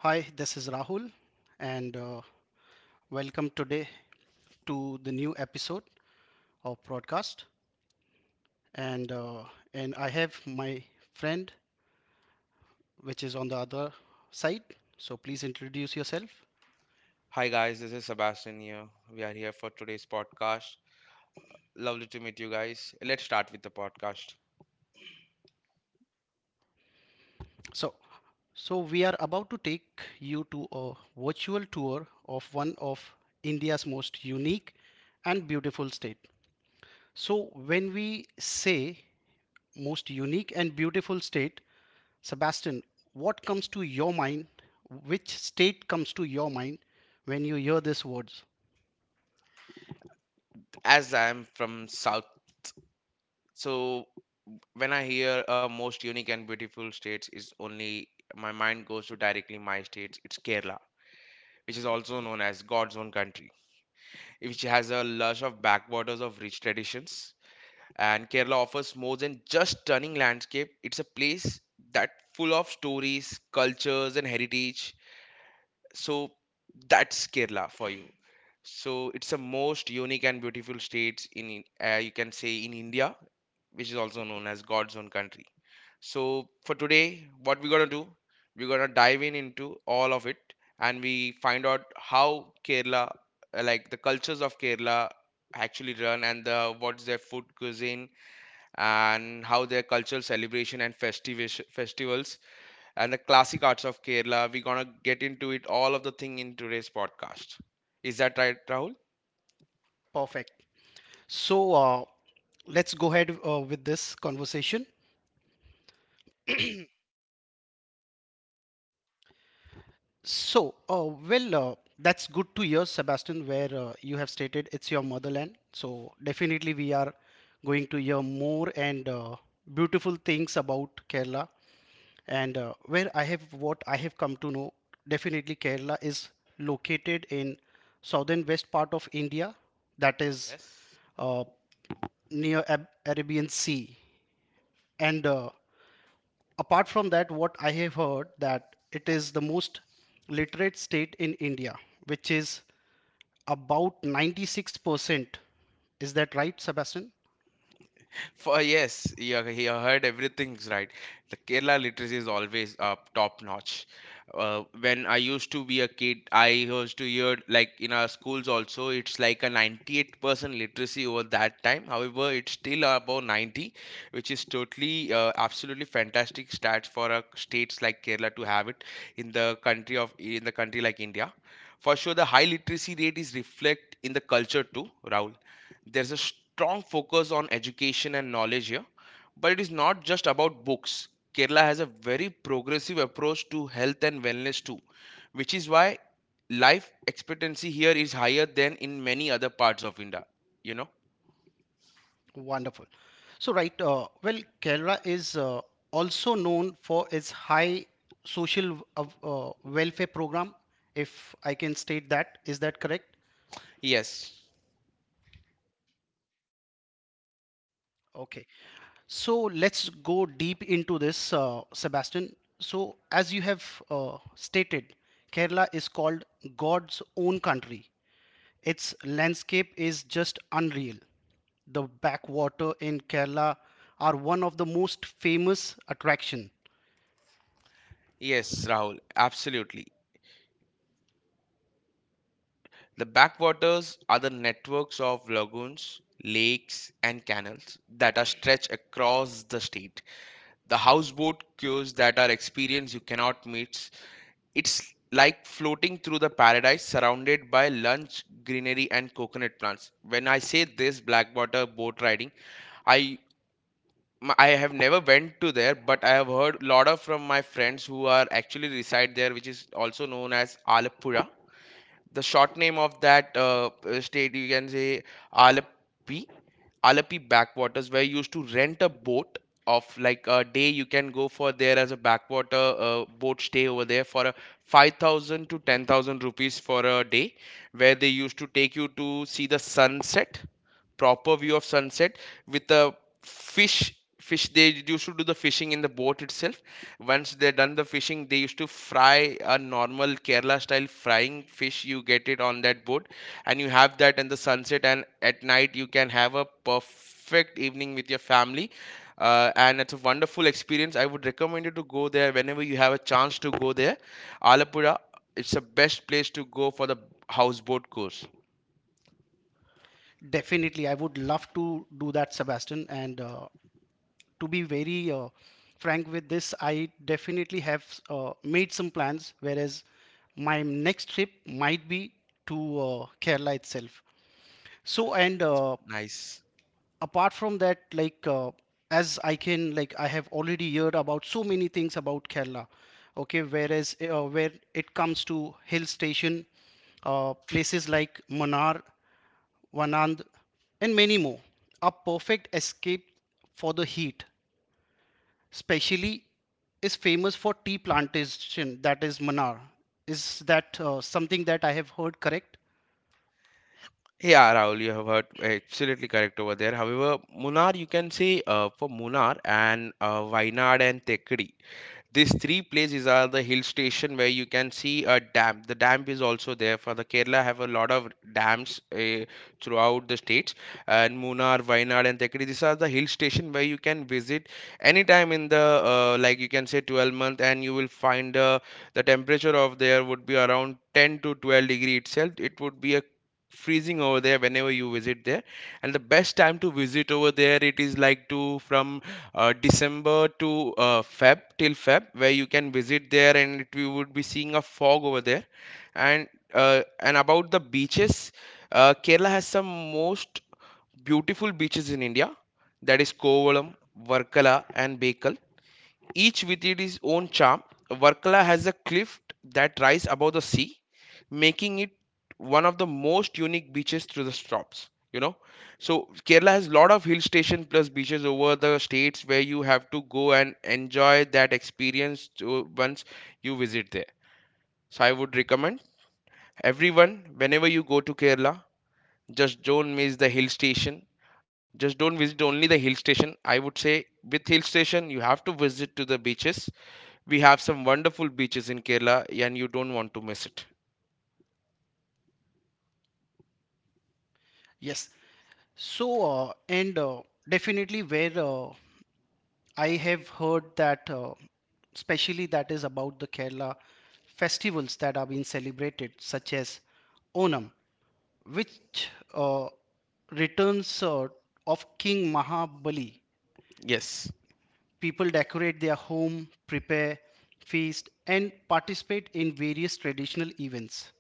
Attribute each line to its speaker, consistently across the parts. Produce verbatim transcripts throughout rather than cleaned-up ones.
Speaker 1: Hi, this is Rahul, and uh, welcome today to the new episode of broadcast. And uh, and I have my friend, which is on the other side. So please introduce yourself.
Speaker 2: Hi guys, this is Sebastian here. We are here for today's podcast. Lovely to meet you guys. Let's start with the podcast.
Speaker 1: So so we are about to take you to a virtual tour of one of India's most unique and beautiful state. So when we say most unique and beautiful state, Sebastian, what comes to your mind? Which state comes to your mind when you hear these words?
Speaker 2: As I am from South, so when I hear uh, most unique and beautiful states is only my mind goes to directly my states. It's Kerala, which is also known as God's own country, which has a lush of backwaters of rich traditions. And Kerala offers more than just stunning landscape. It's a place that full of stories, cultures, and heritage, so that's Kerala for you. So it's the most unique and beautiful states in in- uh, you can say in India, which is also known as God's own country. So for today, what we're gonna do, we're gonna dive in into all of it and we find out how Kerala, uh, like the cultures of Kerala actually run, and the what's their food cuisine, and how their cultural celebration and festiv- festivals and the classic arts of Kerala. We're gonna get into it all of the thing in today's podcast. Is that right, Rahul?
Speaker 1: Perfect. So uh, let's go ahead uh, with this conversation. So, uh, well, uh, that's good to hear, Sebastian, where uh, you have stated it's your motherland. So, definitely, we are going to hear more and uh, beautiful things about Kerala. And uh, Where I have what I have come to know, definitely Kerala is located in southern west part of India, that is
Speaker 2: Yes.
Speaker 1: uh, near Ab- arabian sea. And uh, apart from that, what I have heard, that it is the most literate state in India, which is about ninety-six percent. Is that right, Sebastian?
Speaker 2: For yes, you, he heard everything's right. The Kerala literacy is always uh, top notch. Uh, when I used to be a kid, I used to hear like in our schools also, it's like a ninety-eight percent literacy over that time. However, it's still above ninety, which is totally uh, absolutely fantastic stats for a states like Kerala to have it in the country of in the country like India. For sure, the high literacy rate is reflect in the culture too, Rahul. There's a strong focus on education and knowledge here, but it is not just about books. Kerala has a very progressive approach to health and wellness too, which is why life expectancy here is higher than in many other parts of India. You know?
Speaker 1: Wonderful. So, right, uh, well, Kerala is uh, also known for its high social uh, uh, welfare program, if I can state that. Is that correct?
Speaker 2: Yes.
Speaker 1: Okay. So, let's go deep into this, uh, Sebastian. So, as you have uh, stated, Kerala is called God's own country. Its landscape is just unreal. The backwater in Kerala are one of the most famous attraction.
Speaker 2: Yes, Rahul, absolutely. The backwaters are the networks of lagoons, lakes, and canals that are stretched across the state. The houseboat queues that are experienced you cannot meet. It's like floating through the paradise surrounded by lush greenery and coconut plants. When I say this blackwater boat riding, I m- I have never went to there, but I have heard lot of from my friends who are actually reside there, which is also known as Alappuzha. The short name of that uh, uh, state, you can say Alapi, Alapi backwaters, where you used to rent a boat of like a day. You can go for there as a backwater uh, boat stay over there for a five thousand to ten thousand rupees for a day, where they used to take you to see the sunset, proper view of sunset with a fish fish they used to do the fishing in the boat itself. Once they done the fishing, they used to fry a normal Kerala style frying fish, you get it on that boat and you have that in the sunset. And at night you can have a perfect evening with your family. Uh, and it's a wonderful experience, I would recommend you to go there whenever you have a chance to go there. Alapura, it's the best place to go for the houseboat course.
Speaker 1: Definitely, I would love to do that, Sebastian. And uh, to be very uh, frank with this, I definitely have uh, made some plans, whereas my next trip might be to uh, Kerala itself. So, and uh,
Speaker 2: Nice.
Speaker 1: apart from that, like uh, as I can, like I have already heard about so many things about Kerala. Okay, whereas uh, where it comes to hill station, uh, places like Manar, Vanand, and many more. A perfect escape for the heat, especially is famous for tea plantation, that is Manar. Is that uh, something that I have heard correct?
Speaker 2: Yeah, Rahul, you have heard absolutely correct over there. However, Munnar, you can say uh, for Munnar and uh, Wayanad and Tekkady, these three places are the hill station where you can see a dam. The dam is also there for the Kerala have a lot of dams uh, throughout the states. And Munnar, Wayanad, and Tekadi, these are the hill station where you can visit anytime in the, uh, like you can say, twelve month, and you will find uh, the temperature of there would be around ten to twelve degree itself. It would be a freezing over there whenever you visit there. And the best time to visit over there, it is like to from uh, December to uh, Feb till Feb, where you can visit there and it, we would be seeing a fog over there. And uh, and about the beaches, uh, Kerala has some most beautiful beaches in India. That is Kovalam, Varkala, and Bekal. Each with its own charm, Varkala has a cliff that rises above the sea, making it one of the most unique beaches through the stops. You know, so Kerala has lot of hill station plus beaches over the states where you have to go and enjoy that experience to, once you visit there. So I would recommend everyone whenever you go to Kerala, just don't miss the hill station. Just don't visit only the hill station. I would say with hill station you have to visit to the beaches. We have some wonderful beaches in Kerala and you don't want to miss it.
Speaker 1: Yes. So uh, and uh, definitely where uh, I have heard that uh, especially that is about the Kerala festivals that are being celebrated, such as Onam, which uh, returns uh, of King Mahabali.
Speaker 2: Yes,
Speaker 1: People decorate their home, prepare feast, and participate in various traditional events.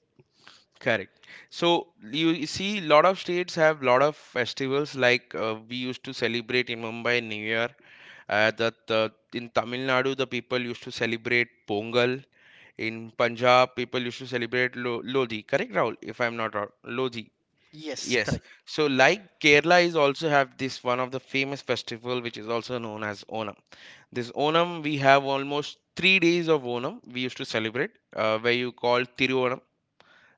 Speaker 2: correct. So you see, lot of states have lot of festivals like, uh, we used to celebrate in Mumbai New Year. Uh, that uh, In Tamil Nadu, the people used to celebrate Pongal. In Punjab, people used to celebrate Lo- Lodi. Correct, Rahul? If I'm not wrong, Lodi.
Speaker 1: Yes,
Speaker 2: Yes.
Speaker 1: correct.
Speaker 2: So like Kerala is also have this one of the famous festival which is also known as Onam. This Onam we have almost three days of Onam we used to celebrate, uh, where you call Tiruvanam,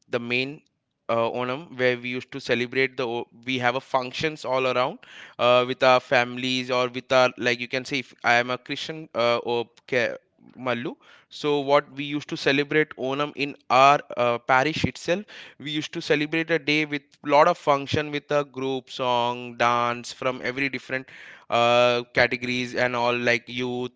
Speaker 2: the main uh, Onam, where we used to celebrate the o- we have a functions all around uh, with our families or with our, like you can say, if I am a Christian, uh, or Ke- Mallu. So what we used to celebrate Onam in our uh, parish itself, we used to celebrate a day with lot of function with a group song dance from every different uh, categories and all, like youth,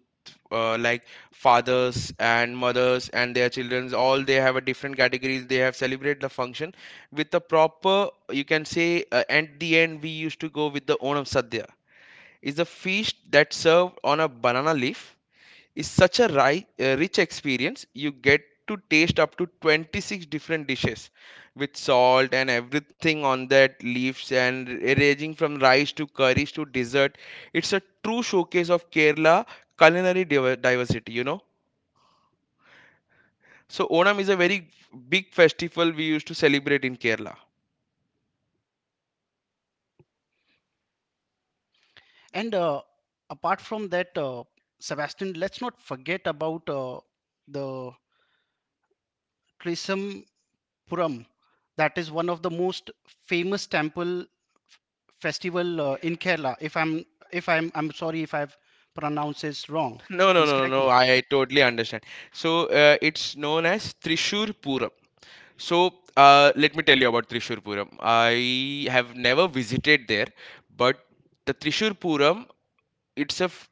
Speaker 2: uh, like fathers and mothers and their children, all they have a different categories, they have celebrated the function with the proper, you can say, uh, at the end we used to go with the Onam sadhya, is a feast that served on a banana leaf, is such a ri- uh, rich experience. You get to taste up to twenty-six different dishes with salt and everything on that leaves and ranging from rice to curries to dessert. It's a true showcase of Kerala culinary diver- diversity, you know. So Onam is a very big festival we used to celebrate in Kerala.
Speaker 1: And uh, apart from that, uh, Sebastian, let's not forget about uh, the Trisam Puram. That is one of the most famous temple f- festival uh, in Kerala. If I'm if I'm I'm sorry if I've pronounced this wrong.
Speaker 2: No, no,
Speaker 1: Please
Speaker 2: no, no,
Speaker 1: correct
Speaker 2: no.
Speaker 1: me.
Speaker 2: I, totally understand. So uh, it's known as Trishur Puram. So uh, let me tell you about Trishur Puram. I have never visited there, but the Trishur Puram, it's a f-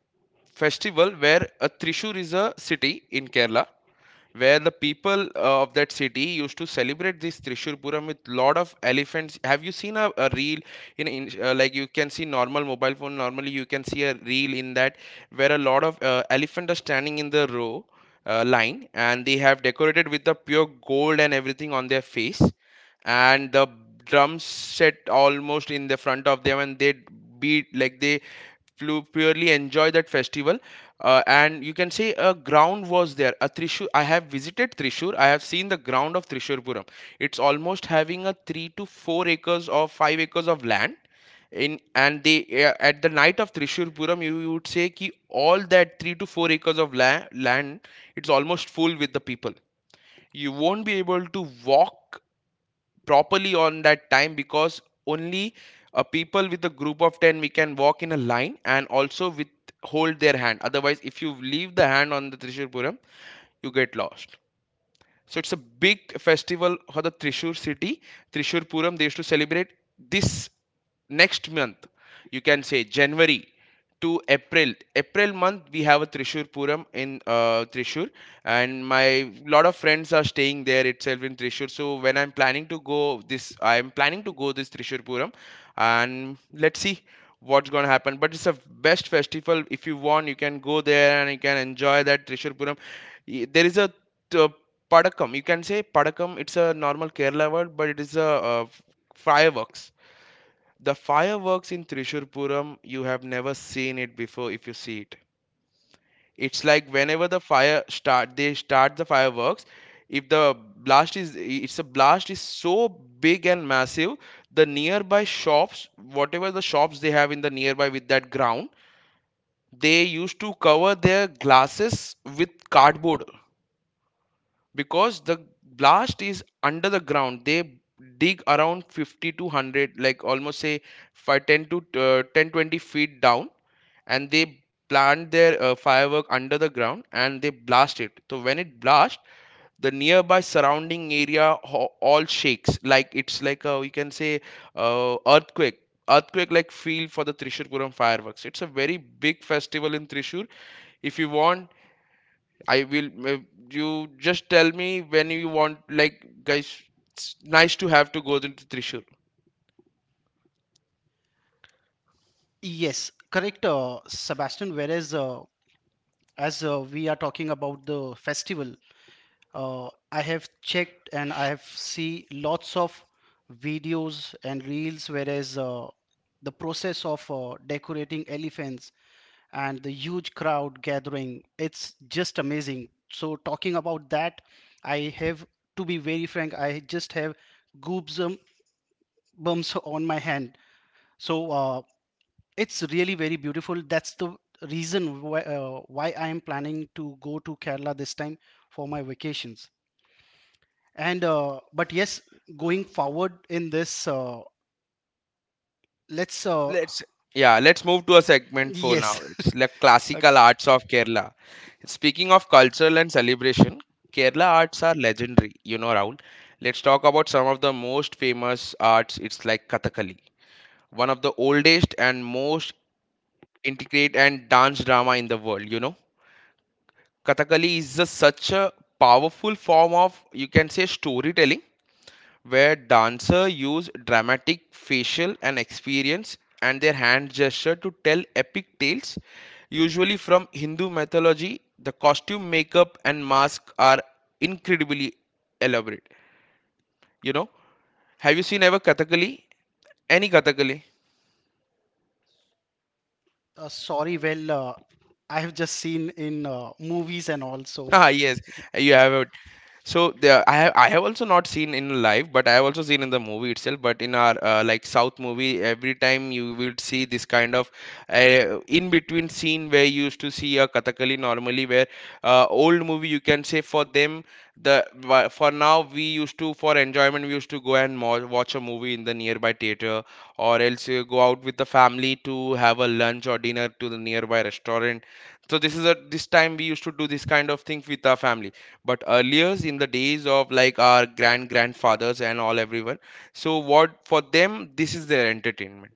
Speaker 2: festival where uh, Trishur is a city in Kerala where the people uh, of that city used to celebrate this Trishur Puram with lot of elephants. Have you seen a, a reel in, in uh, like you can see normal mobile phone, normally you can see a reel in that, where a lot of uh, elephant are standing in the row uh, line, and they have decorated with the pure gold and everything on their face, and the drums set almost in the front of them and they beat like they flew, purely enjoy that festival. Uh, and you can say a ground was there a Trishur, I have visited Trishur, I have seen the ground of Trishurpuram, it's almost having a three to four acres or five acres of land in, and they, uh, at the night of Trishurpuram, you, you would say ki all that three to four acres of la- land, it's almost full with the people. You won't be able to walk properly on that time because only, uh, people with a group of ten, we can walk in a line and also with hold their hand, otherwise if you leave the hand on the Trishul Puram you get lost. So it's a big festival for the Trishur city, Trishur Puram. They used to celebrate this next month. You can say January to April. April month we have a Trishur Puram in uh, Trishur, and my lot of friends are staying there itself in Trishur. So when I'm planning to go this, I'm planning to go this Trishur Puram, and let's see what's gonna happen. But it's a best festival. If you want, you can go there and you can enjoy that Trishur Puram. Y- There is a t- Padakam. You can say Padakam. It's a normal Kerala word, but it is a uh, fireworks. The fireworks in Thrissur Puram, you have never seen it before if you see it. It's like whenever the fire start, they start the fireworks. If the blast is, it's a blast is so big and massive, the nearby shops, whatever the shops they have in the nearby with that ground, they used to cover their glasses with cardboard because the blast is under the ground. They dig around fifty to one hundred, like almost say five ten to uh, ten twenty feet down, and they plant their uh, firework under the ground and they blast it. So when it blasts, the nearby surrounding area ho- all shakes. Like it's like a, we can say, uh, earthquake earthquake like feel. For the Trishur Puram fireworks, it's a very big festival in Trishur. If you want, I will. uh, You just tell me when you want. Like, guys, it's nice to have to go to Trishul.
Speaker 1: Yes, correct, uh, Sebastian. Whereas uh, as uh, we are talking about the festival, uh, I have checked and I have see lots of videos and reels, whereas uh, the process of uh, decorating elephants and the huge crowd gathering, it's just amazing. So talking about that, I have, to be very frank, I just have goosebumps bumps on my hand. So uh, it's really very beautiful. That's the reason why, uh, why I am planning to go to Kerala this time for my vacations. And uh, but yes, going forward in this, uh, let's uh,
Speaker 2: Let's Yeah. Let's move to a segment for now.
Speaker 1: yes.
Speaker 2: It's like
Speaker 1: Okay.
Speaker 2: classical arts of Kerala. Speaking of cultural and celebration, Kerala arts are legendary, you know, Rahul. Let's talk about some of the most famous arts. It's like Kathakali, one of the oldest and most intricate and dance drama in the world. You know, Kathakali is a, such a powerful form of, you can say, storytelling, where dancer use dramatic facial and experience and their hand gesture to tell epic tales, usually from Hindu mythology. The costume, makeup and mask are incredibly elaborate, you know. Have you seen ever Kathakali, any Kathakali?
Speaker 1: Uh, sorry, well, uh, I have just seen in uh, movies and also
Speaker 2: Ah yes, you have. So there, I have I have also not seen in live, but I have also seen in the movie itself. But in our uh, like South movie, every time you will see this kind of uh, in between scene where you used to see a Kathakali normally. Where uh, old movie, you can say, for them, the wa- for now, we used to, for enjoyment, we used to go and mo- watch a movie in the nearby theater, or else you go out with the family to have a lunch or dinner to the nearby restaurant. So this is a, this time, we used to do this kind of thing with our family, but earlier in the days of like our grand grandfathers and all, everyone, so what for them, this is their entertainment.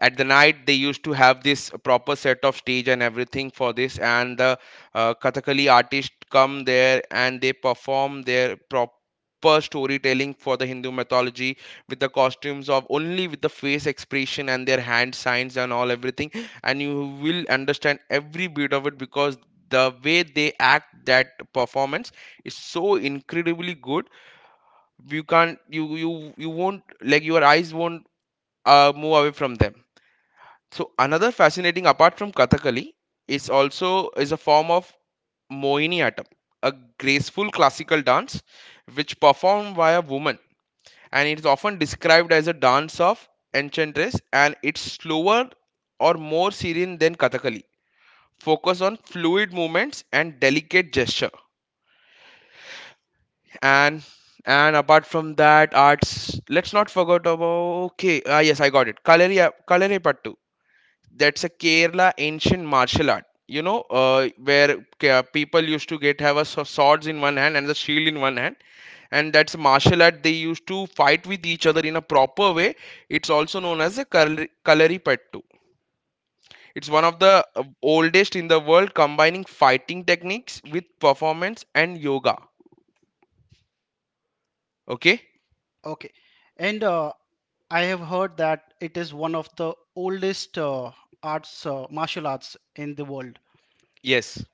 Speaker 2: At the night, they used to have this proper set of stage and everything for this, and the uh, Kathakali artists come there and they perform their proper storytelling for the Hindu mythology, with the costumes, of only with the face expression and their hand signs and all everything. And you will understand every bit of it, because the way they act that performance is so incredibly good. You can't, you you you won't, like, your eyes won't uh, move away from them. So another fascinating apart from Kathakali is also is a form of Mohiniyattam, a graceful classical dance which performed by a woman, and it is often described as a dance of enchantress, and it's slower or more serene than Kathakali. Focus on fluid movements and delicate gesture. And and apart from that arts, let's not forget about, okay, ah yes, I got it. Kaleri, Kaleri Pattu, that's a Kerala ancient martial art. You know, uh, where K- people used to get have a sw- swords in one hand and the shield in one hand, and that's martial art. They used to fight with each other in a proper way. It's also known as a kalari kalaripattu. It's
Speaker 1: uh,
Speaker 2: one of the uh, oldest in the world, combining fighting techniques with performance and yoga. Okay,
Speaker 1: okay. And uh, I have heard that it is one of the oldest uh, arts, uh, martial arts in the world.
Speaker 2: yes.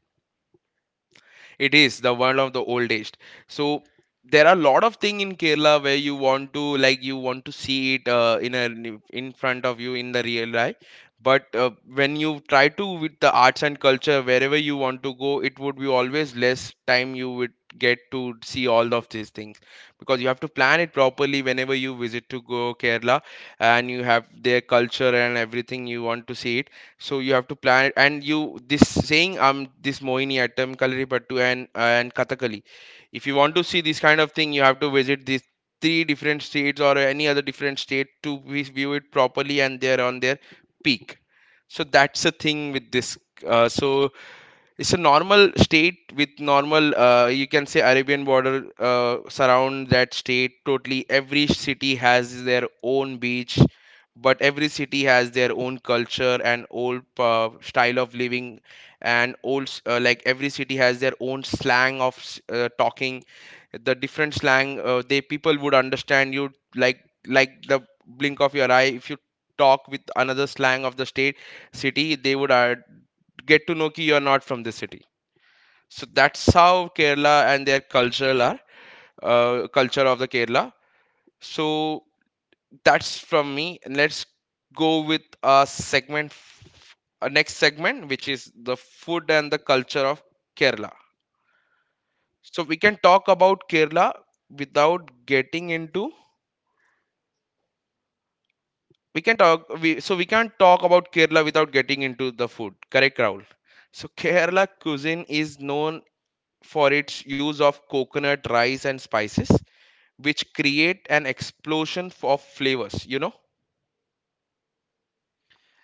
Speaker 2: It is the one of the oldest. So there are a lot of thing in Kerala where you want to, like, you want to see it uh, in a, in front of you in the real life. But uh, when you try to with the arts and culture wherever you want to go, it would be always less time you would get to see all of these things, because you have to plan it properly whenever you visit to go Kerala, and you have their culture and everything you want to see it. So you have to plan it, and you, this saying, um this Mohini Attam, Kalaripattu and uh, and Kathakali. If you want to see this kind of thing, you have to visit these three different states or any other different state to vi- view it properly and they're on their peak. So that's the thing with this. Uh, so it's a normal state with normal uh, you can say Arabian border uh, surround that state totally. Every city has their own beach, but every city has their own culture and old uh, style of living, and old s- uh, like every city has their own slang of s- uh, talking. The different slang uh, they people would understand you, like like the blink of your eye. If you talk with another slang of the state, city, they would uh, get to know ki you are not from this city. So that's how Kerala and their cultural are, uh, culture of the Kerala. So that's from me. And let's go with a segment, f- a next segment, which is the food and the culture of Kerala. So we can talk about Kerala without getting into. We can talk. We, so we can't talk about Kerala without getting into the food. Correct, Raul. So Kerala cuisine is known for its use of coconut, rice, and spices, which create an explosion of flavors, you know?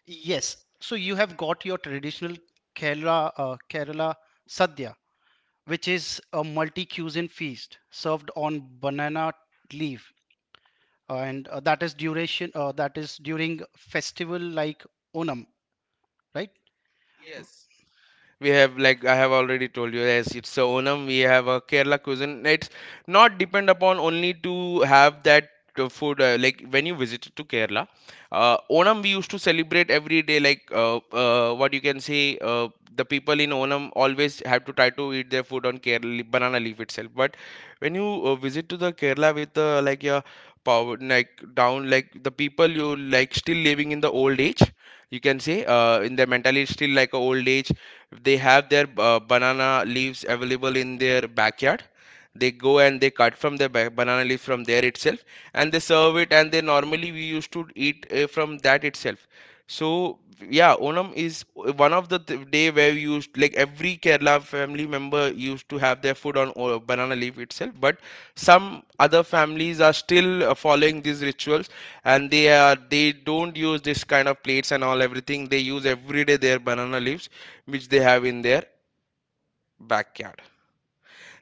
Speaker 1: Yes. So you have got your traditional Kerala uh, Kerala sadhya, which is a multi-cuisine feast served on banana leaf, uh, and uh, that is duration. Uh, that is during festival like Onam, right?
Speaker 2: Yes, we have, like, I have already told you, yes, it's a Onam, we have a Kerala cuisine. It's not depend upon only to have that uh, food, uh, like when you visited to Kerala, uh, Onam, we used to celebrate every day, like uh, uh, what you can say, uh, the people in Onam always have to try to eat their food on Kerala banana leaf itself. But when you uh, visit to the Kerala with the, like, your power, like, down, like the people, you, like, still living in the old age, you can say, uh, in their mentality still like a old age. If they have their uh, banana leaves available in their backyard, they go and they cut from the ba- banana leaf from there itself, and they serve it, and they normally, we used to eat uh, from that itself. So yeah, Onam is one of the th- day where we used, like, every Kerala family member used to have their food on o- banana leaf itself. But some other families are still uh, following these rituals, and they are, they don't use this kind of plates and all everything. They use every day their banana leaves which they have in their backyard.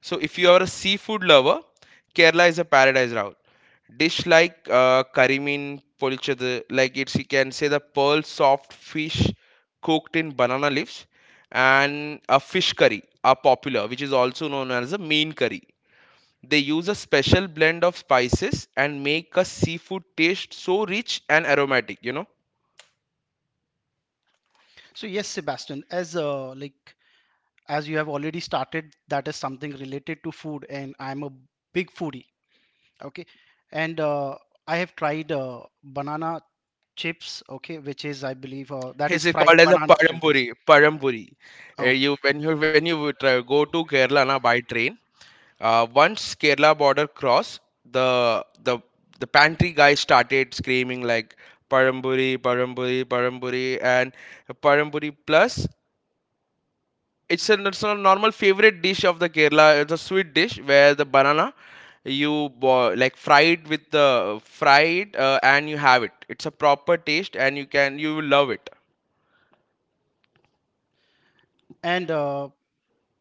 Speaker 2: So if you are a seafood lover, Kerala is a paradise route. Dish like uh, karimin polichadu, like, it's, you can say, the pearl soft fish cooked in banana leaves, and a fish curry are popular, which is also known as a mean curry. They use a special blend of spices and make a seafood taste so rich and aromatic, you know.
Speaker 1: So yes, Sebastian, as uh, like as you have already started, that is something related to food, and I'm a big foodie. Okay, and uh, I have tried uh, banana chips. Okay, which is, I believe, uh, that is
Speaker 2: It's
Speaker 1: fried
Speaker 2: called as a
Speaker 1: banana filters.
Speaker 2: padampuri. Padampuri. Uh,
Speaker 1: Okay.
Speaker 2: you, when you, when you would uh, go to Kerala na, by train, uh, once Kerala border cross, the the the pantry guy started screaming, like, padampuri, padampuri, padampuri, and padampuri plus. It's a, it's a normal favorite dish of the Kerala. It's a sweet dish where the banana you bo- like fried with the fried uh, and you have it. It's a proper taste, and you can, you will love it.
Speaker 1: And uh,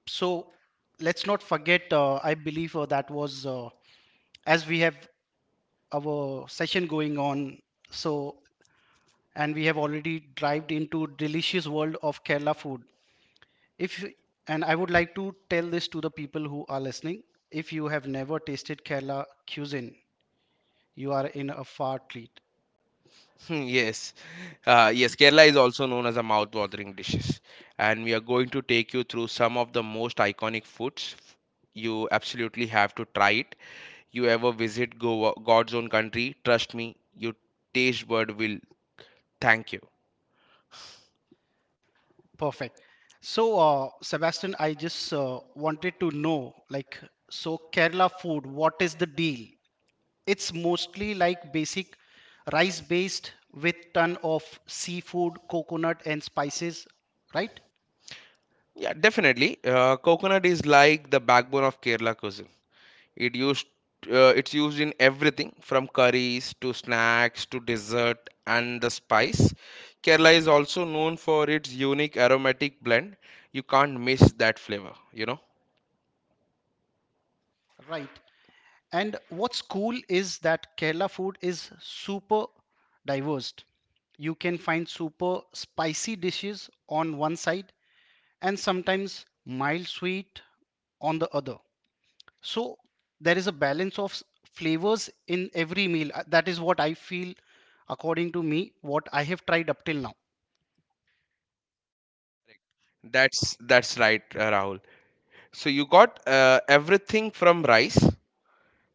Speaker 1: so let's not forget, uh, I believe uh, that was uh, as we have our session going on. So, and we have already dived into delicious world of Kerala food. If, and I would like to tell this to the people who are listening, if you have never tasted Kerala cuisine, you are in a far treat.
Speaker 2: Hmm, yes, uh, yes. Kerala is also known as a mouth-watering dishes, and we are going to take you through some of the most iconic foods. You absolutely have to try it. You ever visit Goa, God's own country? Trust me, your taste bud will thank you.
Speaker 1: Perfect. So, uh, Sebastian, I just uh, wanted to know, like, so Kerala food, what is the deal? It's mostly like basic rice based with ton of seafood, coconut and spices, right?
Speaker 2: Yeah, definitely. Uh, coconut is like the backbone of Kerala cuisine. It used uh, it's used in everything from curries to snacks to dessert and the spice. Kerala is also known for its unique aromatic blend. You can't miss that flavor, you know.
Speaker 1: Right. And what's cool is that Kerala food is super diverse. You can find super spicy dishes on one side and sometimes mild sweet on the other. So there is a balance of s- flavors in every meal. Uh, That is what I feel according to me, what I have tried up till now.
Speaker 2: That's that's right, uh, Rahul. So you got uh, everything from rice.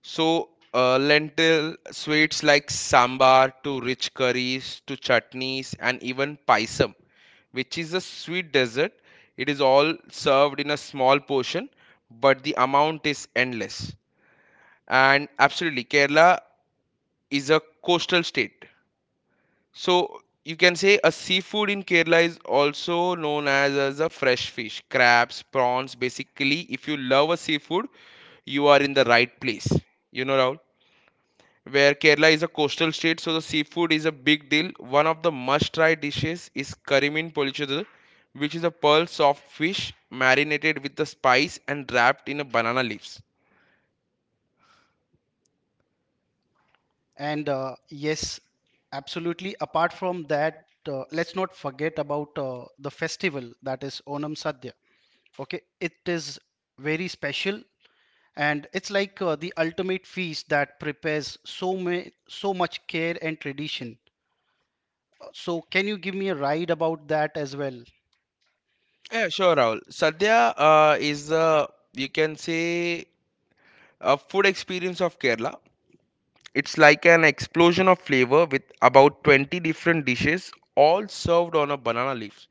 Speaker 2: So, uh, lentil sweets like sambar to rich curries to chutneys and even paisam, which is a sweet dessert. It is all served in a small portion, but the amount is endless. And absolutely, Kerala is a coastal state. So, you can say a seafood in Kerala is also known as, as a fresh fish, crabs, prawns. Basically, if you love a seafood, you are in the right place, you know, Rahul. Where Kerala is a coastal state, so the seafood is a big deal. One of the must-try dishes is Karimin Polichadu, which is a pearl soft fish marinated with the spice and wrapped in a banana leaves.
Speaker 1: And uh, yes, absolutely. Apart from that, uh, let's not forget about uh, the festival that is Onam Sadhya. Okay, it is very special and it's like uh, the ultimate feast that prepares so many, so much care and tradition. Uh, So can you give me a ride about that as well?
Speaker 2: Yeah, sure, Rahul. Sadhya uh, is the, you can say, a food experience of Kerala. It's like an explosion of flavor with about twenty different dishes all served on a banana leaf.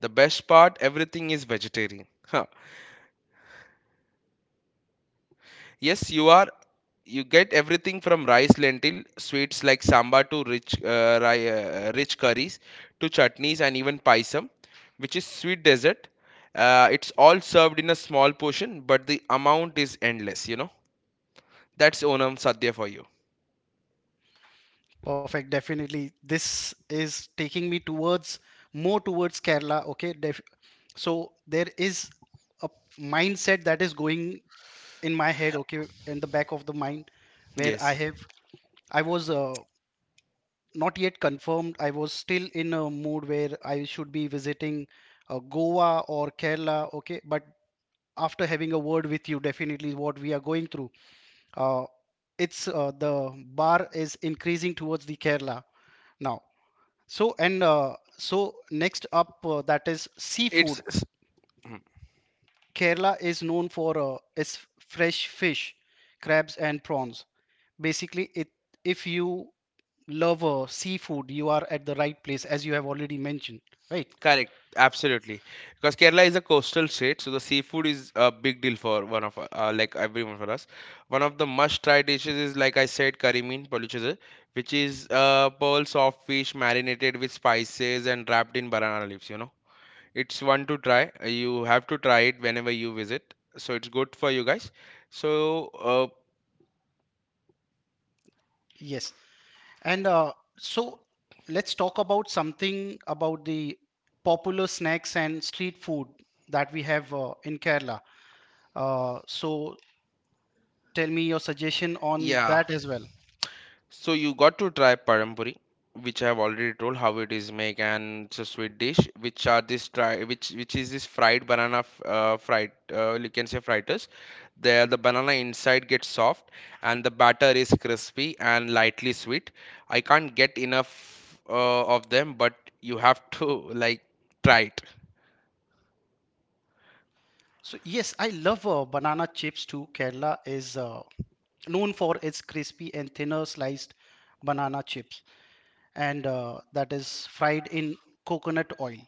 Speaker 2: The best part, everything is vegetarian. Yes, you are. You get everything from rice, lentil, sweets like sambar to rich, uh, ri- uh, rich curries, to chutneys and even paisam, which is sweet dessert. Uh, it's all served in a small portion, but the amount is endless. You know, that's Onam Sadhya for you.
Speaker 1: Perfect, definitely. This is taking me towards more towards Kerala. Okay, def, so there is a mindset that is going in my head, okay, in the back of the mind, where I
Speaker 2: Yes,
Speaker 1: have, I was uh, not yet confirmed. I was still in a mood where I should be visiting uh, Goa or Kerala, okay. But after having a word with you, definitely what we are going through, uh, it's uh, the bar is increasing towards the Kerala now. So and uh, so next up uh, that is
Speaker 2: it's.
Speaker 1: seafood. Kerala is known for uh, its fresh fish, crabs and prawns. Basically, it, if you love uh, seafood, you are at the right place, as you have already mentioned, right?
Speaker 2: Correct, absolutely. Because Kerala is a coastal state, so the seafood is a big deal for one of u- uh, like everyone for us. One of the must-try dishes is, like I said, curry mean polichada, which is uh, pearls of fish marinated with spices and wrapped in banana leaves. You know, it's one to try. uh, You have to try it whenever you visit, so it's good for you guys. So, uh,
Speaker 1: Yes. And uh, so let's talk about something about the popular snacks and street food that we have uh, in Kerala. Uh, so tell me your suggestion on
Speaker 2: yeah.
Speaker 1: that as well.
Speaker 2: So you got to try parampuri, which I have already told how it is made, and it's a sweet dish, which are this try, which which is this fried banana, f- uh, fried, uh, you can say fritters. There the banana inside gets soft, and the batter is crispy and lightly sweet. I can't get enough uh, of them, but you have to like try it.
Speaker 1: So yes, I love uh, banana chips too. Kerala is uh, known for its crispy and thinner sliced banana chips and uh, that is fried in coconut oil.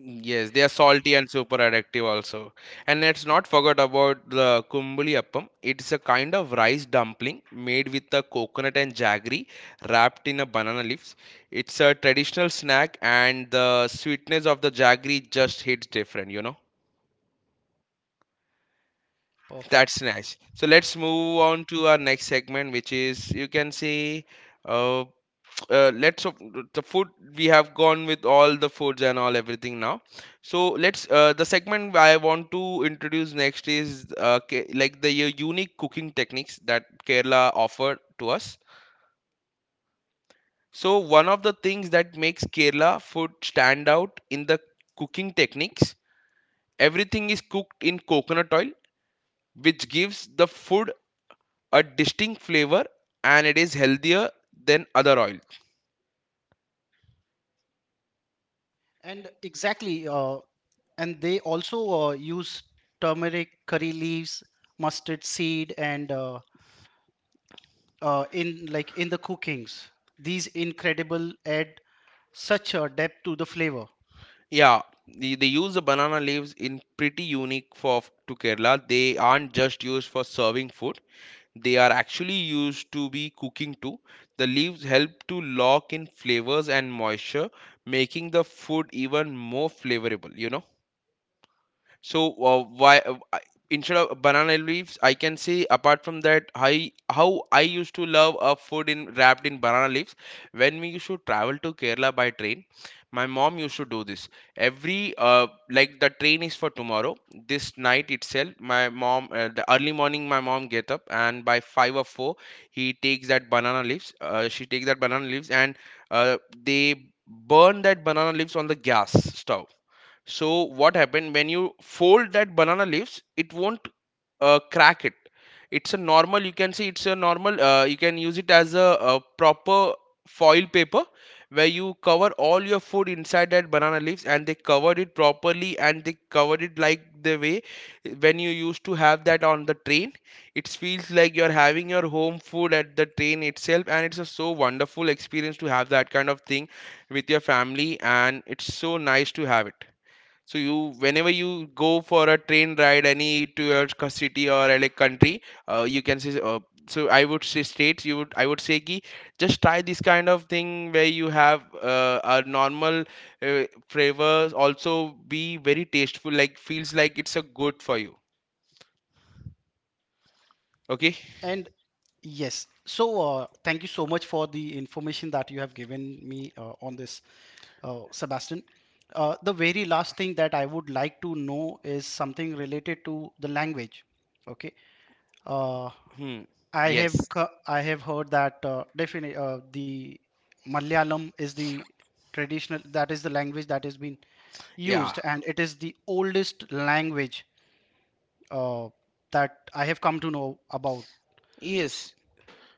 Speaker 2: Yes, they are salty and super addictive also. And let's not forget about the kumbuli appam. It's a kind of rice dumpling made with a coconut and jaggery wrapped in a banana leaves. It's a traditional snack and the sweetness of the jaggery just hits different, you know.
Speaker 1: Perfect.
Speaker 2: That's nice. So let's move on to our next segment, which is you can say uh. uh, let's of the food. We have gone with all the foods and all everything now, so let's uh, the segment I want to introduce next is uh, Ke- like the u- unique cooking techniques that Kerala offered to us. So one of the things that makes Kerala food stand out in the cooking techniques, everything is cooked in coconut oil, which gives the food a distinct flavor, and it is healthier than other oils.
Speaker 1: And exactly, uh, and they also uh, use turmeric curry leaves, mustard seed, and uh, uh, in like in the cookings, these incredible add such a depth to the flavor.
Speaker 2: Yeah, they, they use the banana leaves in pretty unique for to Kerala. They aren't just used for serving food. They are actually used to be cooking too. The leaves help to lock in flavors and moisture, making the food even more flavorable, you know. So uh, why uh, I- instead of banana leaves, I can say apart from that, I how I used to love a food in wrapped in banana leaves. When we used to travel to Kerala by train, my mom used to do this every uh, like the train is for tomorrow. This night itself, my mom uh, the early morning my mom get up, and by five or four he takes that banana leaves. Uh, she takes that banana leaves and uh, they burn that banana leaves on the gas stove. So what happened, when you fold that banana leaves, it won't uh, crack it. It's a normal. You can see it's a normal. Uh, you can use it as a, a proper foil paper, where you cover all your food inside that banana leaves, and they covered it properly, and they covered it like the way when you used to have that on the train, it feels like you're having your home food at the train itself, and it's a so wonderful experience to have that kind of thing with your family, and it's so nice to have it. So you, whenever you go for a train ride, any to your c- city or a like country, uh, you can say. Uh, so I would say states. You would I would say ki, just try this kind of thing where you have uh, a normal uh, flavors also be very tasteful. Like feels like it's a good for you. Okay.
Speaker 1: And yes, so uh, thank you so much for the information that you have given me uh, on this, uh, Sebastian. Uh, the very last thing that I would like to know is something related to the language. Okay. Uh,
Speaker 2: Hmm.
Speaker 1: I
Speaker 2: Yes.
Speaker 1: have co- I have heard that uh, definitely uh, the Malayalam is the traditional, that is the language that has been
Speaker 2: Yeah.
Speaker 1: used, and it is the oldest language uh, that I have come to know about. S-
Speaker 2: Yes.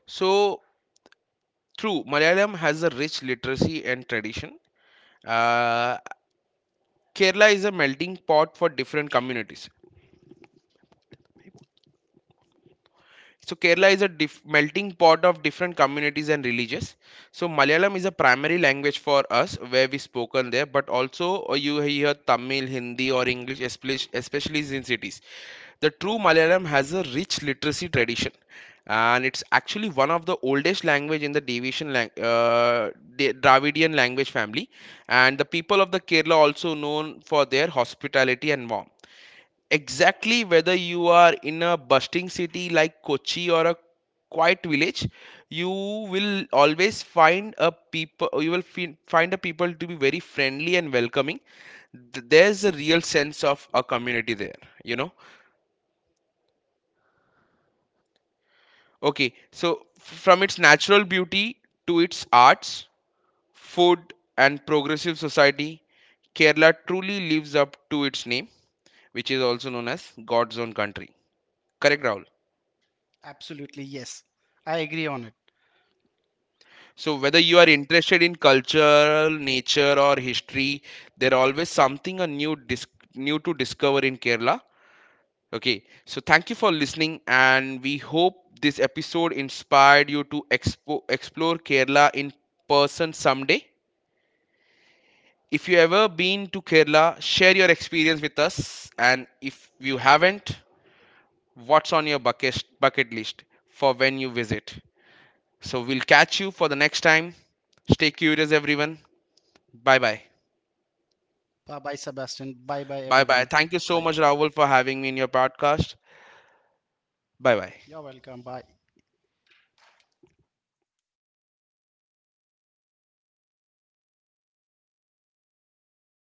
Speaker 2: So true. Malayalam has a rich literacy and tradition. Uh, Kerala is a melting pot for different communities. So Kerala is a dif- melting pot of different communities and religions. So Malayalam is a primary language for us where we spoken there, but also uh, you hear Tamil, Hindi or English, espec- especially in cities. The true Malayalam has a rich literacy tradition, and it's actually one of the oldest language in the Davidian lang- uh, Da- Dravidian language family. And the people of the Kerala also known for their hospitality and warmth, exactly, whether you are in a bustling city like Kochi or a quiet village, you will always find a people. You will fin- find a people to be very friendly and welcoming. Th- There's a real sense of a community there, you know. Okay. So f- from its natural beauty to its arts, food, and progressive society, Kerala truly lives up to its name, which is also known as God's own country. Correct, Rahul?
Speaker 1: Absolutely, yes. I agree on it.
Speaker 2: So whether you are interested in culture, nature, or history, there always something a new dis- new to discover in Kerala. Okay, so thank you for listening, and we hope this episode inspired you to expo- explore Kerala in person someday. If you ever been to Kerala, share your experience with us, and if you haven't, what's on your bucket bucket list for when you visit? So we'll catch you for the next time. Stay curious, everyone. Bye bye.
Speaker 1: Bye bye, Sebastian. Bye bye,
Speaker 2: Bye bye.
Speaker 1: everyone.
Speaker 2: Thank you
Speaker 1: Bye.
Speaker 2: so much, Rahul, for having me in your podcast. Bye bye.
Speaker 1: You're welcome. Bye.